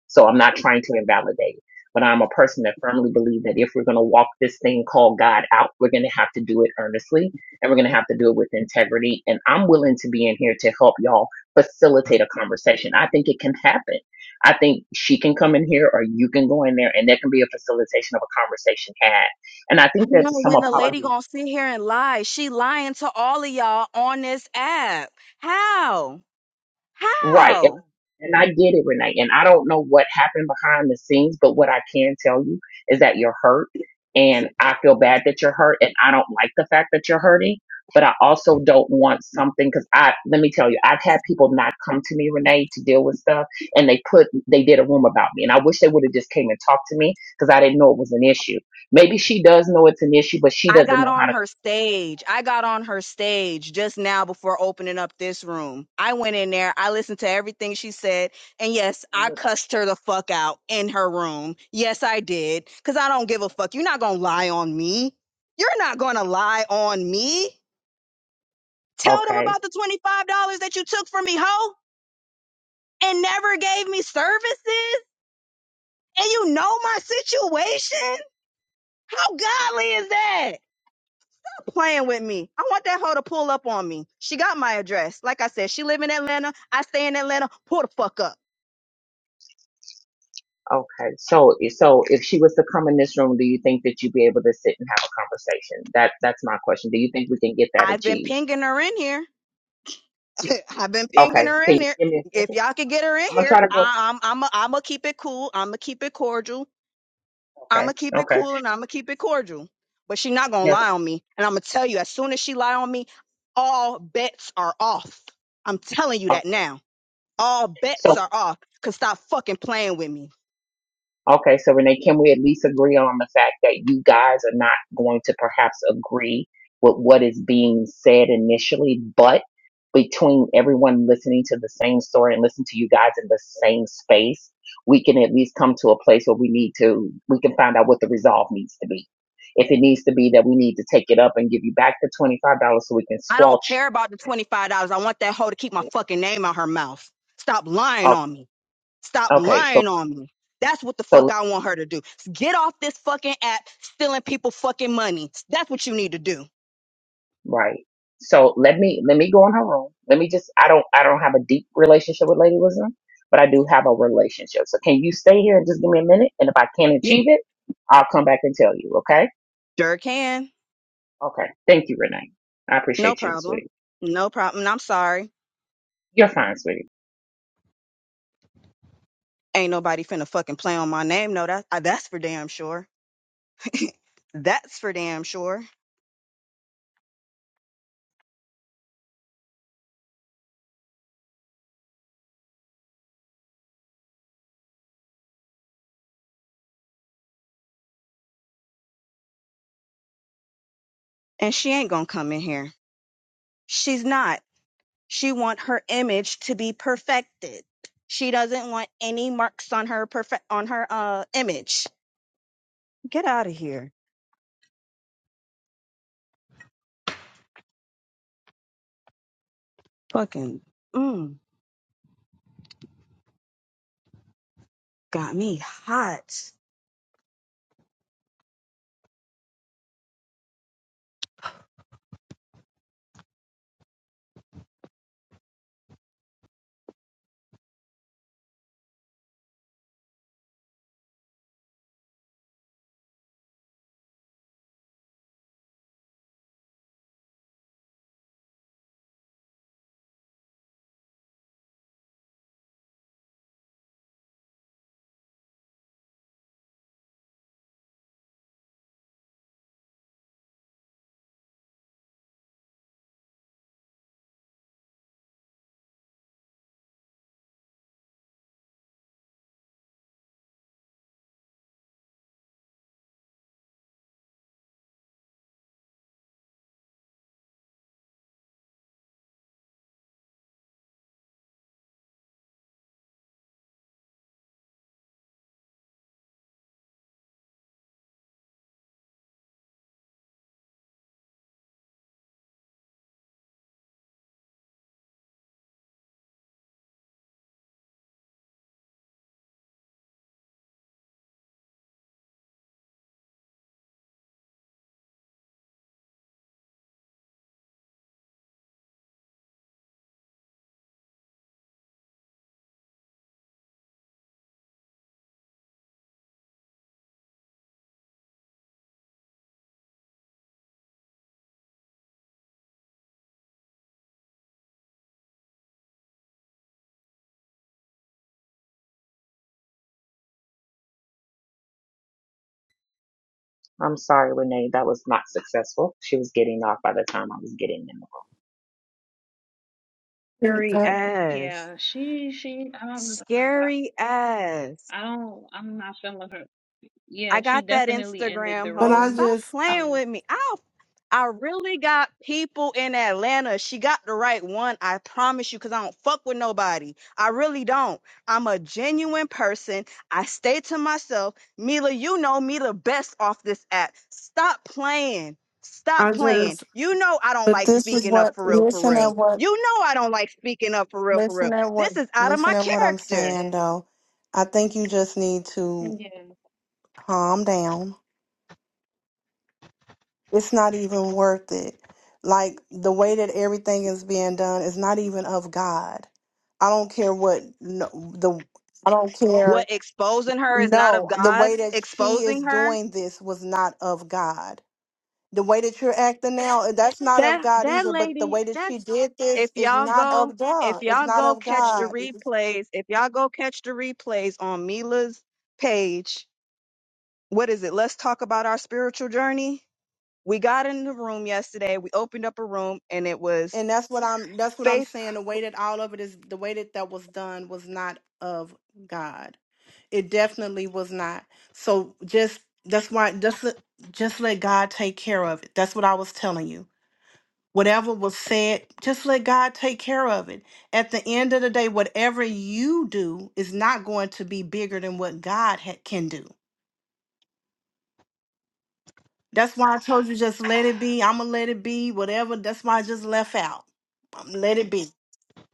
Speaker 5: So I'm not trying to invalidate, but I'm a person that firmly believes that if we're going to walk this thing called God out, we're going to have to do it earnestly and we're going to have to do it with integrity. And I'm willing to be in here to help y'all facilitate a conversation. I think it can happen. I think she can come in here or you can go in there and there can be a facilitation of a conversation had. And I think that
Speaker 2: Now,
Speaker 5: some
Speaker 2: when the lady
Speaker 5: apologies
Speaker 2: gonna sit here and lie, she lying to all of y'all on this app. How?
Speaker 5: Right. And,
Speaker 2: How?
Speaker 5: and I get it, Renee. And I don't know what happened behind the scenes, but what I can tell you is that you're hurt. And I feel bad that you're hurt. And I don't like the fact that you're hurting. But I also don't want something because I, let me tell you, I've had people not come to me, Renee, to deal with stuff. And they put, they did a room about me. And I wish they would have just came and talked to me because I didn't know it was an issue. Maybe she does know it's an issue, but she
Speaker 2: I
Speaker 5: doesn't
Speaker 2: got
Speaker 5: know how
Speaker 2: on her stage. I got on her stage just now before opening up this room. I went in there. I listened to everything she said. And yes, I
Speaker 5: to.
Speaker 2: cussed her the fuck out in her room. Yes, I did. Because I don't give a fuck. You're not going to lie on me. You're not going to lie on me. Tell them
Speaker 5: Okay.
Speaker 2: about the $25 that you took from me, ho, and never gave me services. And you know my situation. How godly is that? playing with me. I want that hoe to pull up on me. She got my address. Like I said, she live in Atlanta. I stay in Atlanta. Pull the fuck up.
Speaker 5: Okay, so so if she was to come in this room, do you think that you'd be able to sit and have a conversation? That that's my question. Do you think we can get that
Speaker 2: I've been
Speaker 5: achieved?
Speaker 2: pinging her in here. I've been pinging
Speaker 5: Okay,
Speaker 2: her
Speaker 5: can
Speaker 2: in
Speaker 5: you
Speaker 2: here.
Speaker 5: give me a
Speaker 2: If
Speaker 5: second?
Speaker 2: y'all could
Speaker 5: I'm,
Speaker 2: get her in
Speaker 5: I'm gonna
Speaker 2: here,
Speaker 5: try to go.
Speaker 2: I, I'm I'm a, I'm a keep it cool. I'm gonna keep it cordial. I'm
Speaker 5: Okay,
Speaker 2: gonna keep it
Speaker 5: okay,
Speaker 2: cool and I'm gonna keep it cordial. But she not gonna
Speaker 5: yes.
Speaker 2: lie on me. And I'm gonna tell you, as soon as she lie on me, all bets are off. I'm telling you
Speaker 5: ma'am.
Speaker 2: that
Speaker 5: Okay,
Speaker 2: now. All bets
Speaker 5: So
Speaker 2: are off. Cause stop fucking playing with me.
Speaker 5: Okay, so Renee, can we at least agree on the fact that you guys are not going to perhaps agree with what is being said initially, but between everyone listening to the same story and listening to you guys in the same space, we can at least come to a place where we need to, we can find out what the resolve needs to be. If it needs to be that we need to take it up and give you back the $25 so we can
Speaker 2: I don't
Speaker 5: squelch.
Speaker 2: care about the $25. I want that hoe to keep my fucking name out her mouth. Stop lying
Speaker 5: Okay,
Speaker 2: on me. Stop
Speaker 5: okay, so,
Speaker 2: lying on me. That's what the
Speaker 5: so
Speaker 2: fuck I want her to do. Get off this fucking app stealing people fucking money. That's what you need to do.
Speaker 5: Right. So let me let me go in her room. Let me just I don't I don't have a deep relationship with Lady Wisdom, but I do have a relationship. So can you stay here and just give me a minute? And if I can't
Speaker 2: Yeah,
Speaker 5: achieve it, I'll come back and tell you, okay?
Speaker 2: sure can.
Speaker 5: Okay. Thank you, Renee. I
Speaker 2: No
Speaker 5: appreciate you,
Speaker 2: problem.
Speaker 5: sweetie.
Speaker 2: No problem. And I'm sorry.
Speaker 5: You're fine, sweetie.
Speaker 2: Ain't nobody finna fucking play on my name. No, that, uh, that's for damn sure. That's for damn sure. And she ain't gonna come in here. She's not. She want her image to be perfected. She doesn't want any marks on her perfect on her uh image. Get out of here. Fucking mm, got me hot.
Speaker 5: I'm sorry, Renee. That was not successful. She was getting off by the time I was getting in the room.
Speaker 2: Scary
Speaker 1: Uh,
Speaker 4: Mm,
Speaker 2: ass.
Speaker 4: Yeah, she, she. I don't remember.
Speaker 2: Scary ass.
Speaker 4: I don't. I'm not feeling her.
Speaker 2: I
Speaker 4: Yeah, she
Speaker 2: got that
Speaker 4: definitely ended
Speaker 2: Instagram
Speaker 4: the
Speaker 1: But
Speaker 2: hoe.
Speaker 1: I
Speaker 4: room.
Speaker 2: Stop
Speaker 1: just
Speaker 2: playing
Speaker 4: Um,
Speaker 2: with me. I I really got people in Atlanta. She got the right one, I promise you, because I don't fuck with nobody. I really don't. I'm a genuine person. I stay to myself. Mila, you know me the best off this app. Stop playing. Stop playing. You know I don't
Speaker 1: But
Speaker 2: like
Speaker 1: this is
Speaker 2: speaking
Speaker 1: what
Speaker 2: up for real, for
Speaker 1: listen at
Speaker 2: real.
Speaker 1: what
Speaker 2: You know I don't like speaking up for real, for real. This is out of
Speaker 1: listen
Speaker 2: my
Speaker 1: at what I'm
Speaker 2: character.
Speaker 1: saying though. I think you just need to
Speaker 4: yeah,
Speaker 1: calm down. It's not even worth it. Like the way that everything is being done is not even of God. I don't care what no, the I don't care.
Speaker 2: What exposing her is not of
Speaker 1: No, the
Speaker 2: God,
Speaker 1: way that she is
Speaker 2: exposing her
Speaker 1: doing this was not of God. The way that you're acting now, eh, that's not of
Speaker 2: That
Speaker 1: God
Speaker 2: that
Speaker 1: either. But the
Speaker 2: lady,
Speaker 1: way that
Speaker 2: that
Speaker 1: she did
Speaker 2: if
Speaker 1: this is
Speaker 2: y'all
Speaker 1: not
Speaker 2: go
Speaker 1: of
Speaker 2: if
Speaker 1: God. It's
Speaker 2: y'all
Speaker 1: not
Speaker 2: go
Speaker 1: of
Speaker 2: catch the
Speaker 1: God.
Speaker 2: replays, if y'all go catch the replays on Mila's page, what is it? Let's talk about our spiritual journey. We got in the room yesterday. We opened up a room and it was
Speaker 1: and that's what i'm that's what i'm
Speaker 2: faith.
Speaker 1: saying the way that all of it is the way that that was done was not of god it definitely was not so just that's why just let- just let god take care of it that's what i was telling you whatever was said just let god take care of it at the end of the day whatever you do is not going to be bigger than what god ha- can do that's why i told you just let it be i'm gonna let it be whatever that's why i just left out Um, let it be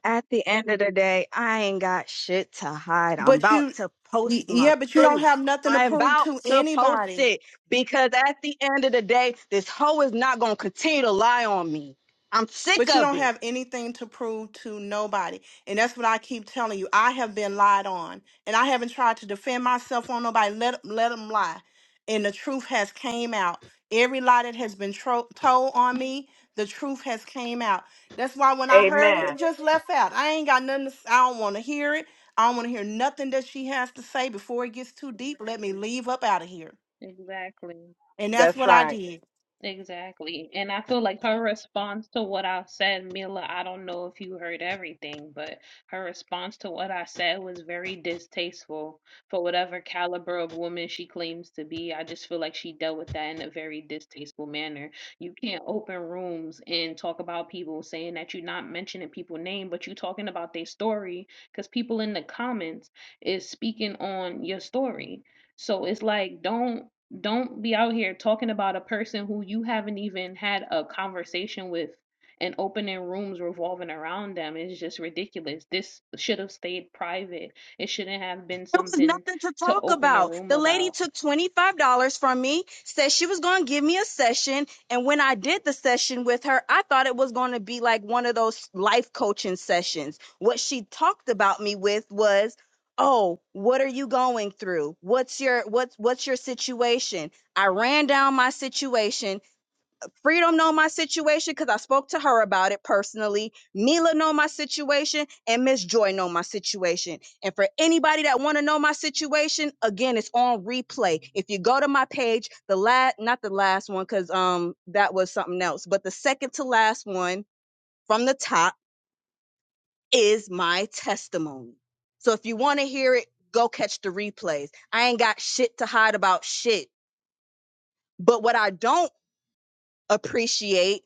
Speaker 2: At the end of the day, I ain't got shit to hide. I'm
Speaker 1: But
Speaker 2: about
Speaker 1: you,
Speaker 2: to post
Speaker 1: y-
Speaker 2: my
Speaker 1: yeah, but you don't
Speaker 2: proof.
Speaker 1: have nothing to
Speaker 2: I'm
Speaker 1: prove
Speaker 2: about
Speaker 1: to
Speaker 2: to post
Speaker 1: anybody.
Speaker 2: it because at the end of the day, this hoe is not going to continue to lie on me. I'm sick
Speaker 1: But you
Speaker 2: of
Speaker 1: don't
Speaker 2: it.
Speaker 1: have anything to prove to nobody. And that's what I keep telling you. I have been lied on, and I haven't tried to defend myself on nobody. Let let them lie, and the truth has came out. Every lie that has been tro- told on me, the truth has came out. That's why when I heard it,
Speaker 3: Amen.
Speaker 1: it just left out. I ain't got nothing. To, s- I don't want to hear it. I don't want to hear nothing that she has to say before it gets too deep. Let me leave up out of here,
Speaker 4: exactly.
Speaker 1: and that's
Speaker 3: That's
Speaker 1: what I
Speaker 3: right.
Speaker 1: did.
Speaker 4: Exactly. And I feel like her response to what I said, Mila, I don't know if you heard everything, but her response to what I said was very distasteful for whatever caliber of woman she claims to be. I just feel like she dealt with that in a very distasteful manner. You can't open rooms and talk about people saying that you're not mentioning people name, but you talking about their story because people in the comments is speaking on your story. So it's like, don't. Don't be out here talking about a person who you haven't even had a conversation with and opening rooms revolving around them is just ridiculous. This should have stayed private. It shouldn't have been
Speaker 2: There was
Speaker 4: something
Speaker 2: nothing to
Speaker 4: to
Speaker 2: talk
Speaker 4: open a
Speaker 2: about.
Speaker 4: room
Speaker 2: The lady
Speaker 4: about.
Speaker 2: took $25 from me, said she was going to give me a session. And when I did the session with her, I thought it was going to be like one of those life coaching sessions. What she talked about me with was, Oh, what are you going through? What's your what's what's your situation? I ran down my situation Freedom know my situation because I spoke to her about it personally. Mila know my situation, and Miss Joy know my situation. And for anybody that want to know my situation, again, it's on replay. If you go to my page, the last, not the last one, because um that was something else, but the second to last one from the top is my testimony. So if you want to hear it, go catch the replays. I ain't got shit to hide about shit. But what I don't appreciate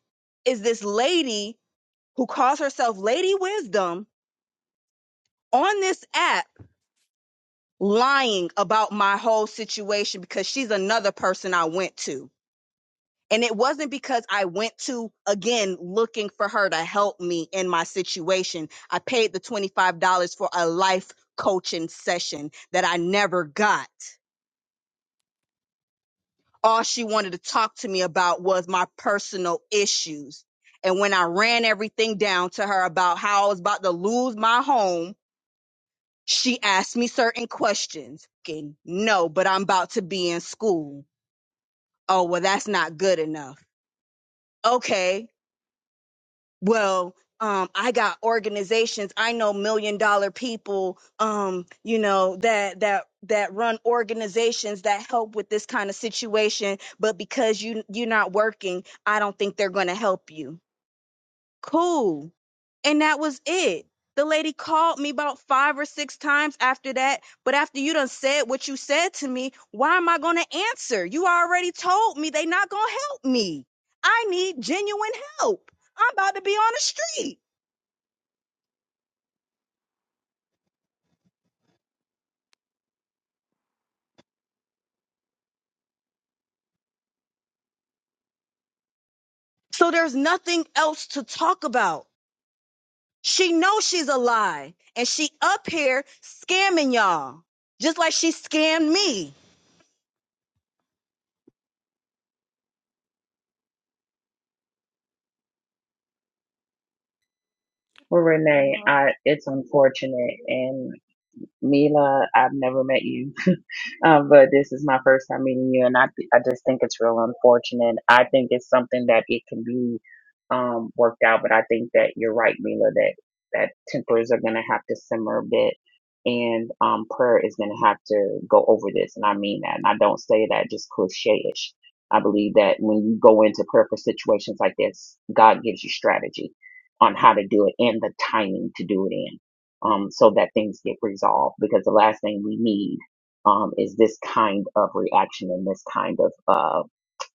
Speaker 2: is this lady who calls herself Lady Wisdom on this app lying about my whole situation because she's another person I went to. And it wasn't because I went to, again, looking for her to help me in my situation. I paid the $25 for a life coaching session that I never got. All she wanted to talk to me about was my personal issues. And when I ran everything down to her about how I was about to lose my home She asked me certain questions. Okay, no, but I'm about to be in school. Oh, well, that's not good enough. Okay, well, um, I got organizations. I know million dollar people, um, you know, that, that, that run organizations that help with this kind of situation. But because you, you're not working, I don't think they're going to help you cool. And that was it. The lady called me about five or six times after that. But after you done said what you said to me, why am I gonna answer? You already told me they not gonna help me. I need genuine help. I'm about to be on the street. So there's nothing else to talk about. She knows she's a lie, and she up here scamming y'all, just like she scammed me.
Speaker 5: Well, Renee,
Speaker 1: No.
Speaker 5: I, it's unfortunate, and. Mila, I've never met you, um, but this is my first time meeting you, and I th- I just think it's real unfortunate. I think it's something that it can be um, worked out, but I think that you're right, Mila, that that tempers are gonna have to simmer a bit, and um, prayer is gonna have to go over this, and I mean that, and I don't say that just cliche-ish. I believe that when you go into prayer for situations like this, God gives you strategy on how to do it and the timing to do it in um, so that things get resolved. Because the last thing we need um, is this kind of reaction and this kind of uh,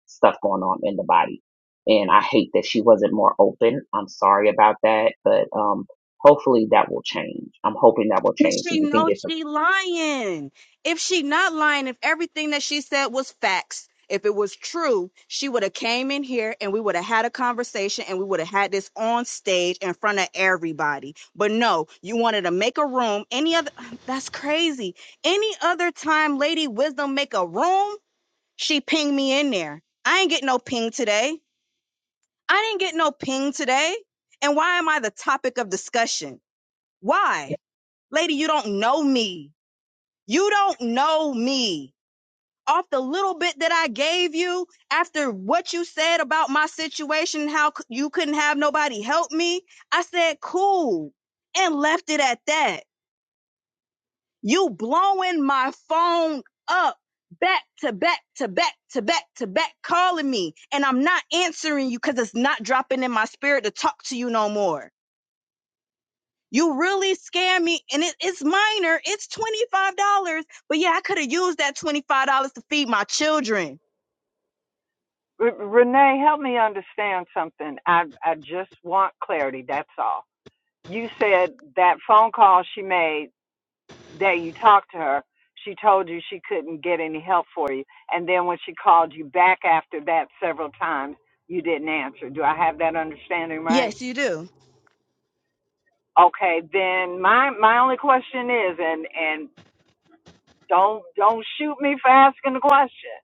Speaker 5: stuff going on in the body. And I hate that she wasn't more open. I'm sorry about that, but um, hopefully that will change. I'm hoping that will
Speaker 2: But
Speaker 5: change so
Speaker 2: she
Speaker 5: you can get
Speaker 2: knows
Speaker 5: some.
Speaker 2: she lying. If she not lying, if everything that she said was facts, if it was true, she would have came in here and we would have had a conversation and we would have had this on stage in front of everybody. But no, you wanted to make a room. Any other that's crazy. Any other time Lady Wisdom make a room, she pinged me in there. I ain't get no ping today. I didn't get no ping today. And why am I the topic of discussion? Why? Lady, you don't know me. You don't know me. Off the little bit that I gave you after what you said about my situation, how c- you couldn't have nobody help me, I said, cool, and left it at that. You blowing my phone up back to back to back to back to back, calling me, and I'm not answering you because it's not dropping in my spirit to talk to you no more. You really scam me, and it, it's minor. It's twenty five dollars, but yeah, I could have used that twenty five dollars to feed my children.
Speaker 3: R- Renee, help me understand something. I I just want clarity. That's all. You said that phone call she made that you talked to her. She told you she couldn't get any help for you, and then when she called you back after that several times, you didn't answer. Do I have that understanding right?
Speaker 2: Yes, you do.
Speaker 3: Okay, then my my only question is, and and don't don't shoot me for asking the question,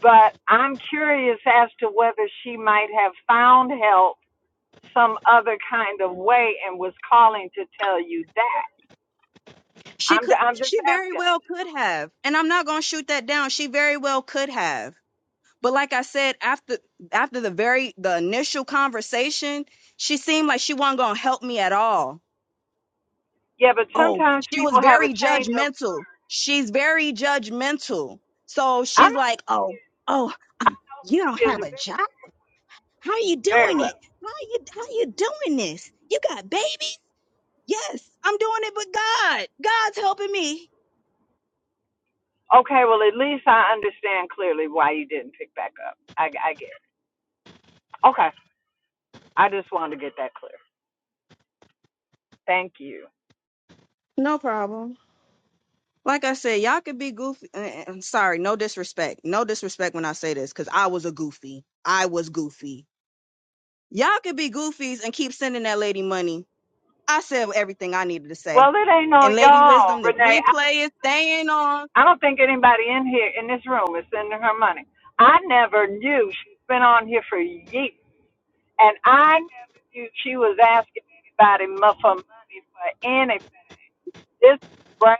Speaker 3: but I'm curious as to whether she might have found help some other kind of way and was calling to tell you that.
Speaker 2: She
Speaker 3: I'm
Speaker 2: could.
Speaker 3: I'm just
Speaker 2: She very
Speaker 3: asking.
Speaker 2: well could have, and I'm not gonna shoot that down. She very well could have, but like I said, after after the very the initial conversation, she seemed like she wasn't gonna help me at all.
Speaker 3: Yeah, but
Speaker 2: Oh,
Speaker 3: sometimes
Speaker 2: she was
Speaker 3: people have a
Speaker 2: very
Speaker 3: change of.
Speaker 2: judgmental. She's very judgmental. So
Speaker 3: I
Speaker 2: she's
Speaker 3: know who
Speaker 2: like,
Speaker 3: she
Speaker 2: oh,
Speaker 3: is.
Speaker 2: oh,
Speaker 3: I know who
Speaker 2: you don't
Speaker 3: she
Speaker 2: have
Speaker 3: is
Speaker 2: a job. How you
Speaker 3: very, very
Speaker 2: doing it?
Speaker 3: well.
Speaker 2: How you how you doing this? You got babies? Yes, I'm doing it, but God, God's helping me.
Speaker 3: Okay, well at least I understand clearly why you didn't pick back up. I I get. It. Okay, I just wanted to get that clear. Thank you.
Speaker 2: No problem. Like I said, y'all could be goofy. eh, eh, sorry, no disrespect. No disrespect when I say this, because I was a goofy. I was goofy. Y'all could be goofies and keep sending that lady money. I said everything I needed to say.
Speaker 3: Well, it ain't no
Speaker 2: And Lady
Speaker 3: y'all,
Speaker 2: Wisdom, this
Speaker 3: Renee. I,
Speaker 2: replay is staying on.
Speaker 3: I don't think anybody in here in this room is sending her money. I never knew she's been on here for years, and I never knew she was asking anybody mu- for money for anything. This is brand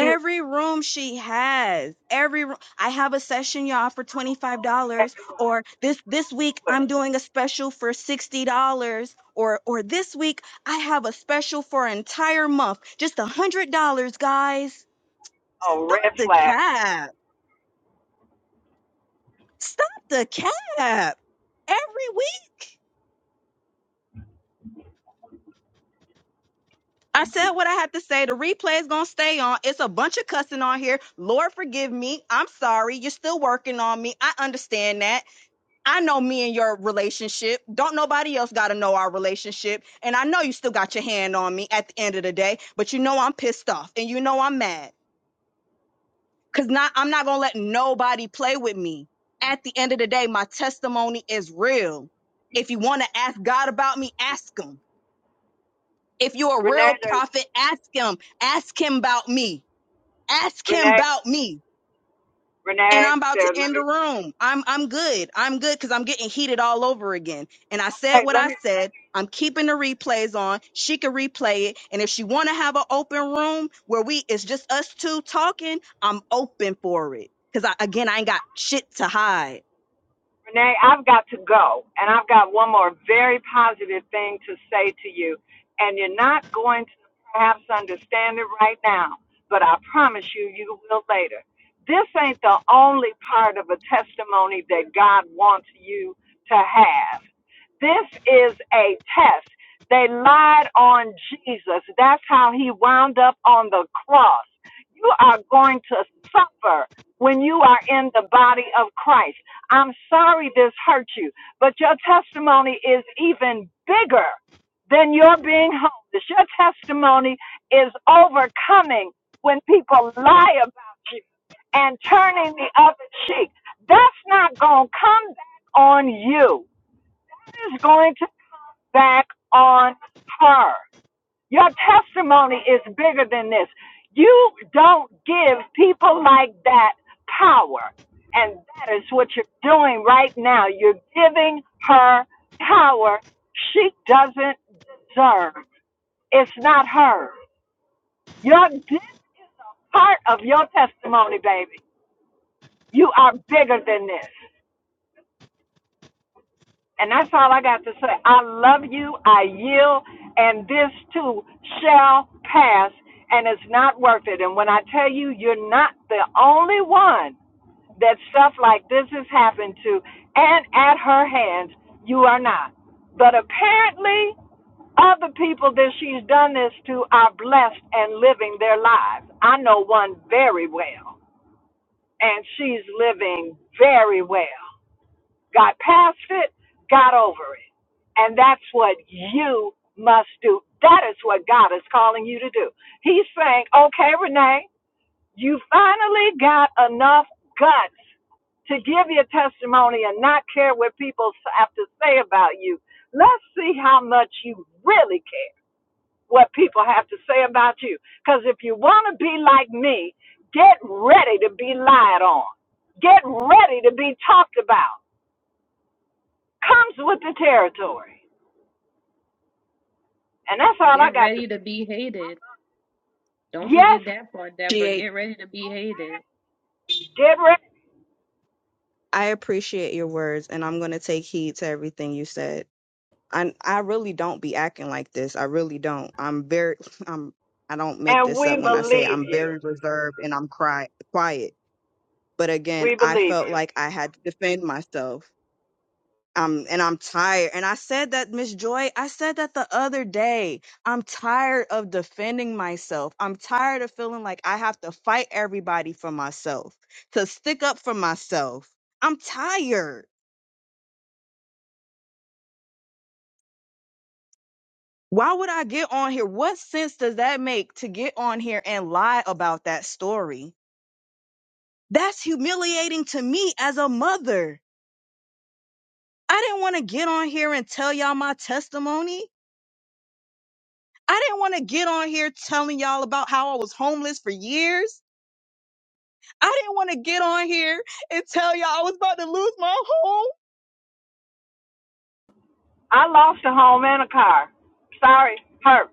Speaker 3: new.
Speaker 2: room she has. Every ro- I have a session y'all for $25
Speaker 3: Oh, that
Speaker 2: or this this week
Speaker 3: was-
Speaker 2: I'm doing a special for $60 or or this week I have a special for an entire month. Just $100, guys.
Speaker 3: oh,
Speaker 2: Stop
Speaker 3: red
Speaker 2: the
Speaker 3: flag.
Speaker 2: cap. Stop the cap. Every week I said what I had to say. The replay is going to stay on. It's a bunch of cussing on here. Lord forgive me. I'm sorry. You're still working on me. I understand that. I know me and your relationship. Don't nobody else got to know our relationship. And I know you still got your hand on me at the end of the day, but you know I'm pissed off and you know I'm mad cuz not I'm not going to let nobody play with me. At the end of the day, my testimony is real. If you want to ask God about me, ask him. If you're a
Speaker 3: Renee,
Speaker 2: real
Speaker 3: there's
Speaker 2: prophet, ask him. Ask him about me. Ask him
Speaker 3: Renee,
Speaker 2: about me. and
Speaker 3: Renee.
Speaker 2: I'm about to
Speaker 3: There, let
Speaker 2: end the
Speaker 3: me.
Speaker 2: room. I'm I'm good. I'm good because I'm getting heated all over again. And I said
Speaker 3: Okay,
Speaker 2: what
Speaker 3: let
Speaker 2: I
Speaker 3: me.
Speaker 2: said. I'm keeping the replays on. She can replay it. And if she wanna have an open room where we it's just us two talking, I'm open for it. Cause I again I ain't got shit to hide.
Speaker 3: Renee, I've got to go, and I've got one more very positive thing to say to you. And you're not going to perhaps understand it right now, but I promise you, you will later. This ain't the only part of a testimony that God wants you to have. This is a test. They lied on Jesus. That's how he wound up on the cross. You are going to suffer when you are in the body of Christ. I'm sorry this hurt you, but your testimony is even bigger than your being homeless. Your testimony is overcoming when people lie about you and turning the other cheek. That's not going to come back on you. That is going to come back on her. Your testimony is bigger than this. You don't give people like that power. And that is what you're doing right now. You're giving her power she doesn't deserve. It's not her. You're this part of your testimony, baby. You are bigger than this. And that's all I got to say. I love you. I yield. And this too shall pass. And it's not worth it. And when I tell you, you're not the only one that stuff like this has happened to. And at her hands, you are not. But apparently, other people that she's done this to are blessed and living their lives. I know one very well. And she's living very well got past it, got over it. And that's what you must do. That is what God is calling you to do. He's saying, okay, Renee, you finally got enough guts to give your testimony and not care what people have to say about you. Let's see how much you really care what people have to say about you. Because if you want to be like me, get ready to be lied on, get ready to be talked about comes with the territory. And that's all I
Speaker 4: Get
Speaker 3: got to
Speaker 4: ready to
Speaker 3: say.
Speaker 4: be hated. Don't
Speaker 3: Yes,
Speaker 4: forget that part, Deborah.
Speaker 2: Appreciate-
Speaker 4: Get ready to be hated.
Speaker 3: Deborah,
Speaker 2: I appreciate your words and I'm gonna take heed to everything you said. I I really don't be acting like this. I really don't. I'm very I'm I don't make
Speaker 3: and
Speaker 2: this up
Speaker 3: we
Speaker 2: when I say
Speaker 3: believe
Speaker 2: I'm
Speaker 3: you.
Speaker 2: very reserved and I'm cry, quiet But again,
Speaker 3: We
Speaker 2: I
Speaker 3: believe
Speaker 2: felt
Speaker 3: you.
Speaker 2: like I had to defend myself. Um, and I'm tired. And I said that, Miss Joy, I said that the other day. I'm tired of defending myself. I'm tired of feeling like I have to fight everybody for myself, to stick up for myself. I'm tired. Why would I get on here? What sense does that make to get on here and lie about that story? That's humiliating to me as a mother. I didn't want to get on here and tell y'all my testimony. I didn't want to get on here telling y'all about how I was homeless for years. I didn't want to get on here and tell y'all I was about to lose my home.
Speaker 3: I lost a home and a car. Sorry, hurt.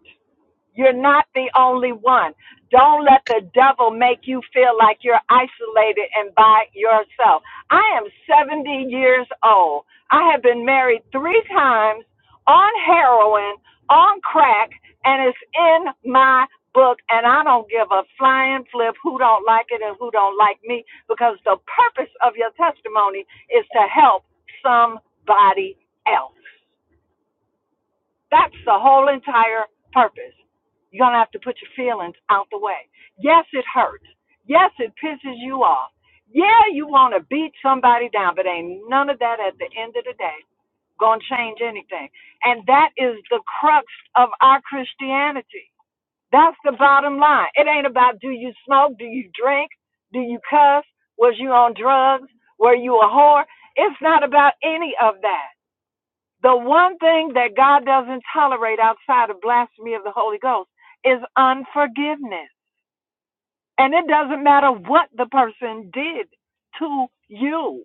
Speaker 3: You're not the only one. Don't let the devil make you feel like you're isolated and by yourself. I am 70 years old. I have been married three times on heroin, on crack, and it's in my book. And I don't give a flying flip who don't like it and who don't like me because the purpose of your testimony is to help somebody else. That's the whole entire purpose. You're going to have to put your feelings out the way. Yes, it hurts. Yes, it pisses you off. Yeah, you want to beat somebody down, but ain't none of that at the end of the day going to change anything. And that is the crux of our Christianity. That's the bottom line. It ain't about do you smoke, do you drink, do you cuss, was you on drugs, were you a whore? It's not about any of that. The one thing that God doesn't tolerate outside of blasphemy of the Holy Ghost is unforgiveness. And it doesn't matter what the person did to you.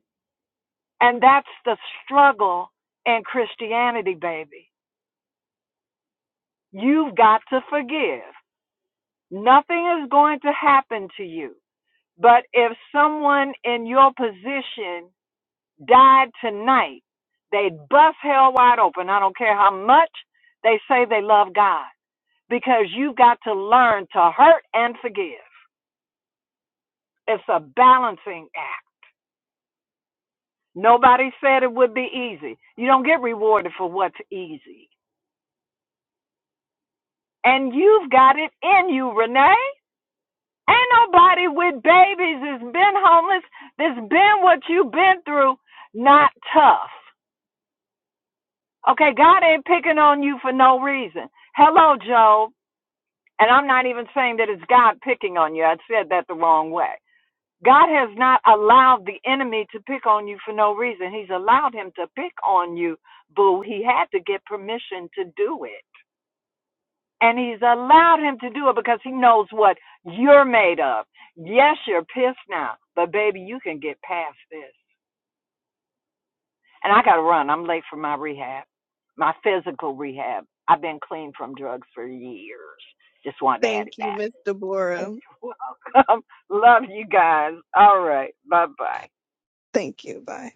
Speaker 3: And that's the struggle in Christianity, baby. You've got to forgive. Nothing is going to happen to you. But if someone in your position died tonight, they'd bust hell wide open. I don't care how much they say they love God. because you've got to learn to hurt and forgive. It's a balancing act. Nobody said it would be easy. You don't get rewarded for what's easy. And you've got it in you, Renee. Ain't nobody with babies that's been homeless, that's been what you've been through, not tough. Okay, God ain't picking on you for no reason. Hello, Job. And I'm not even saying that it's God picking on you. I said that the wrong way. God has not allowed the enemy to pick on you for no reason. He's allowed him to pick on you, boo. He had to get permission to do it. And he's allowed him to do it because he knows what you're made of. Yes, you're pissed now, but baby, you can get past this. And I got to run. I'm late for my rehab, my physical rehab. I've been clean from drugs for years. Just wanted to add it
Speaker 2: Thank you,
Speaker 3: back.
Speaker 2: Miss Deborah.
Speaker 3: Welcome. Love you guys. All right. Bye bye.
Speaker 2: Thank you. Bye.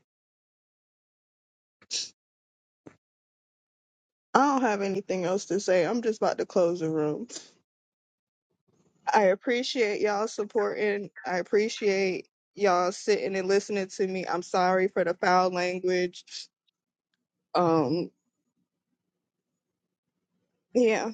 Speaker 2: I don't have anything else to say. I'm just about to close the room. I appreciate y'all supporting. I appreciate y'all sitting and listening to me. I'm sorry for the foul language. Um, yeah.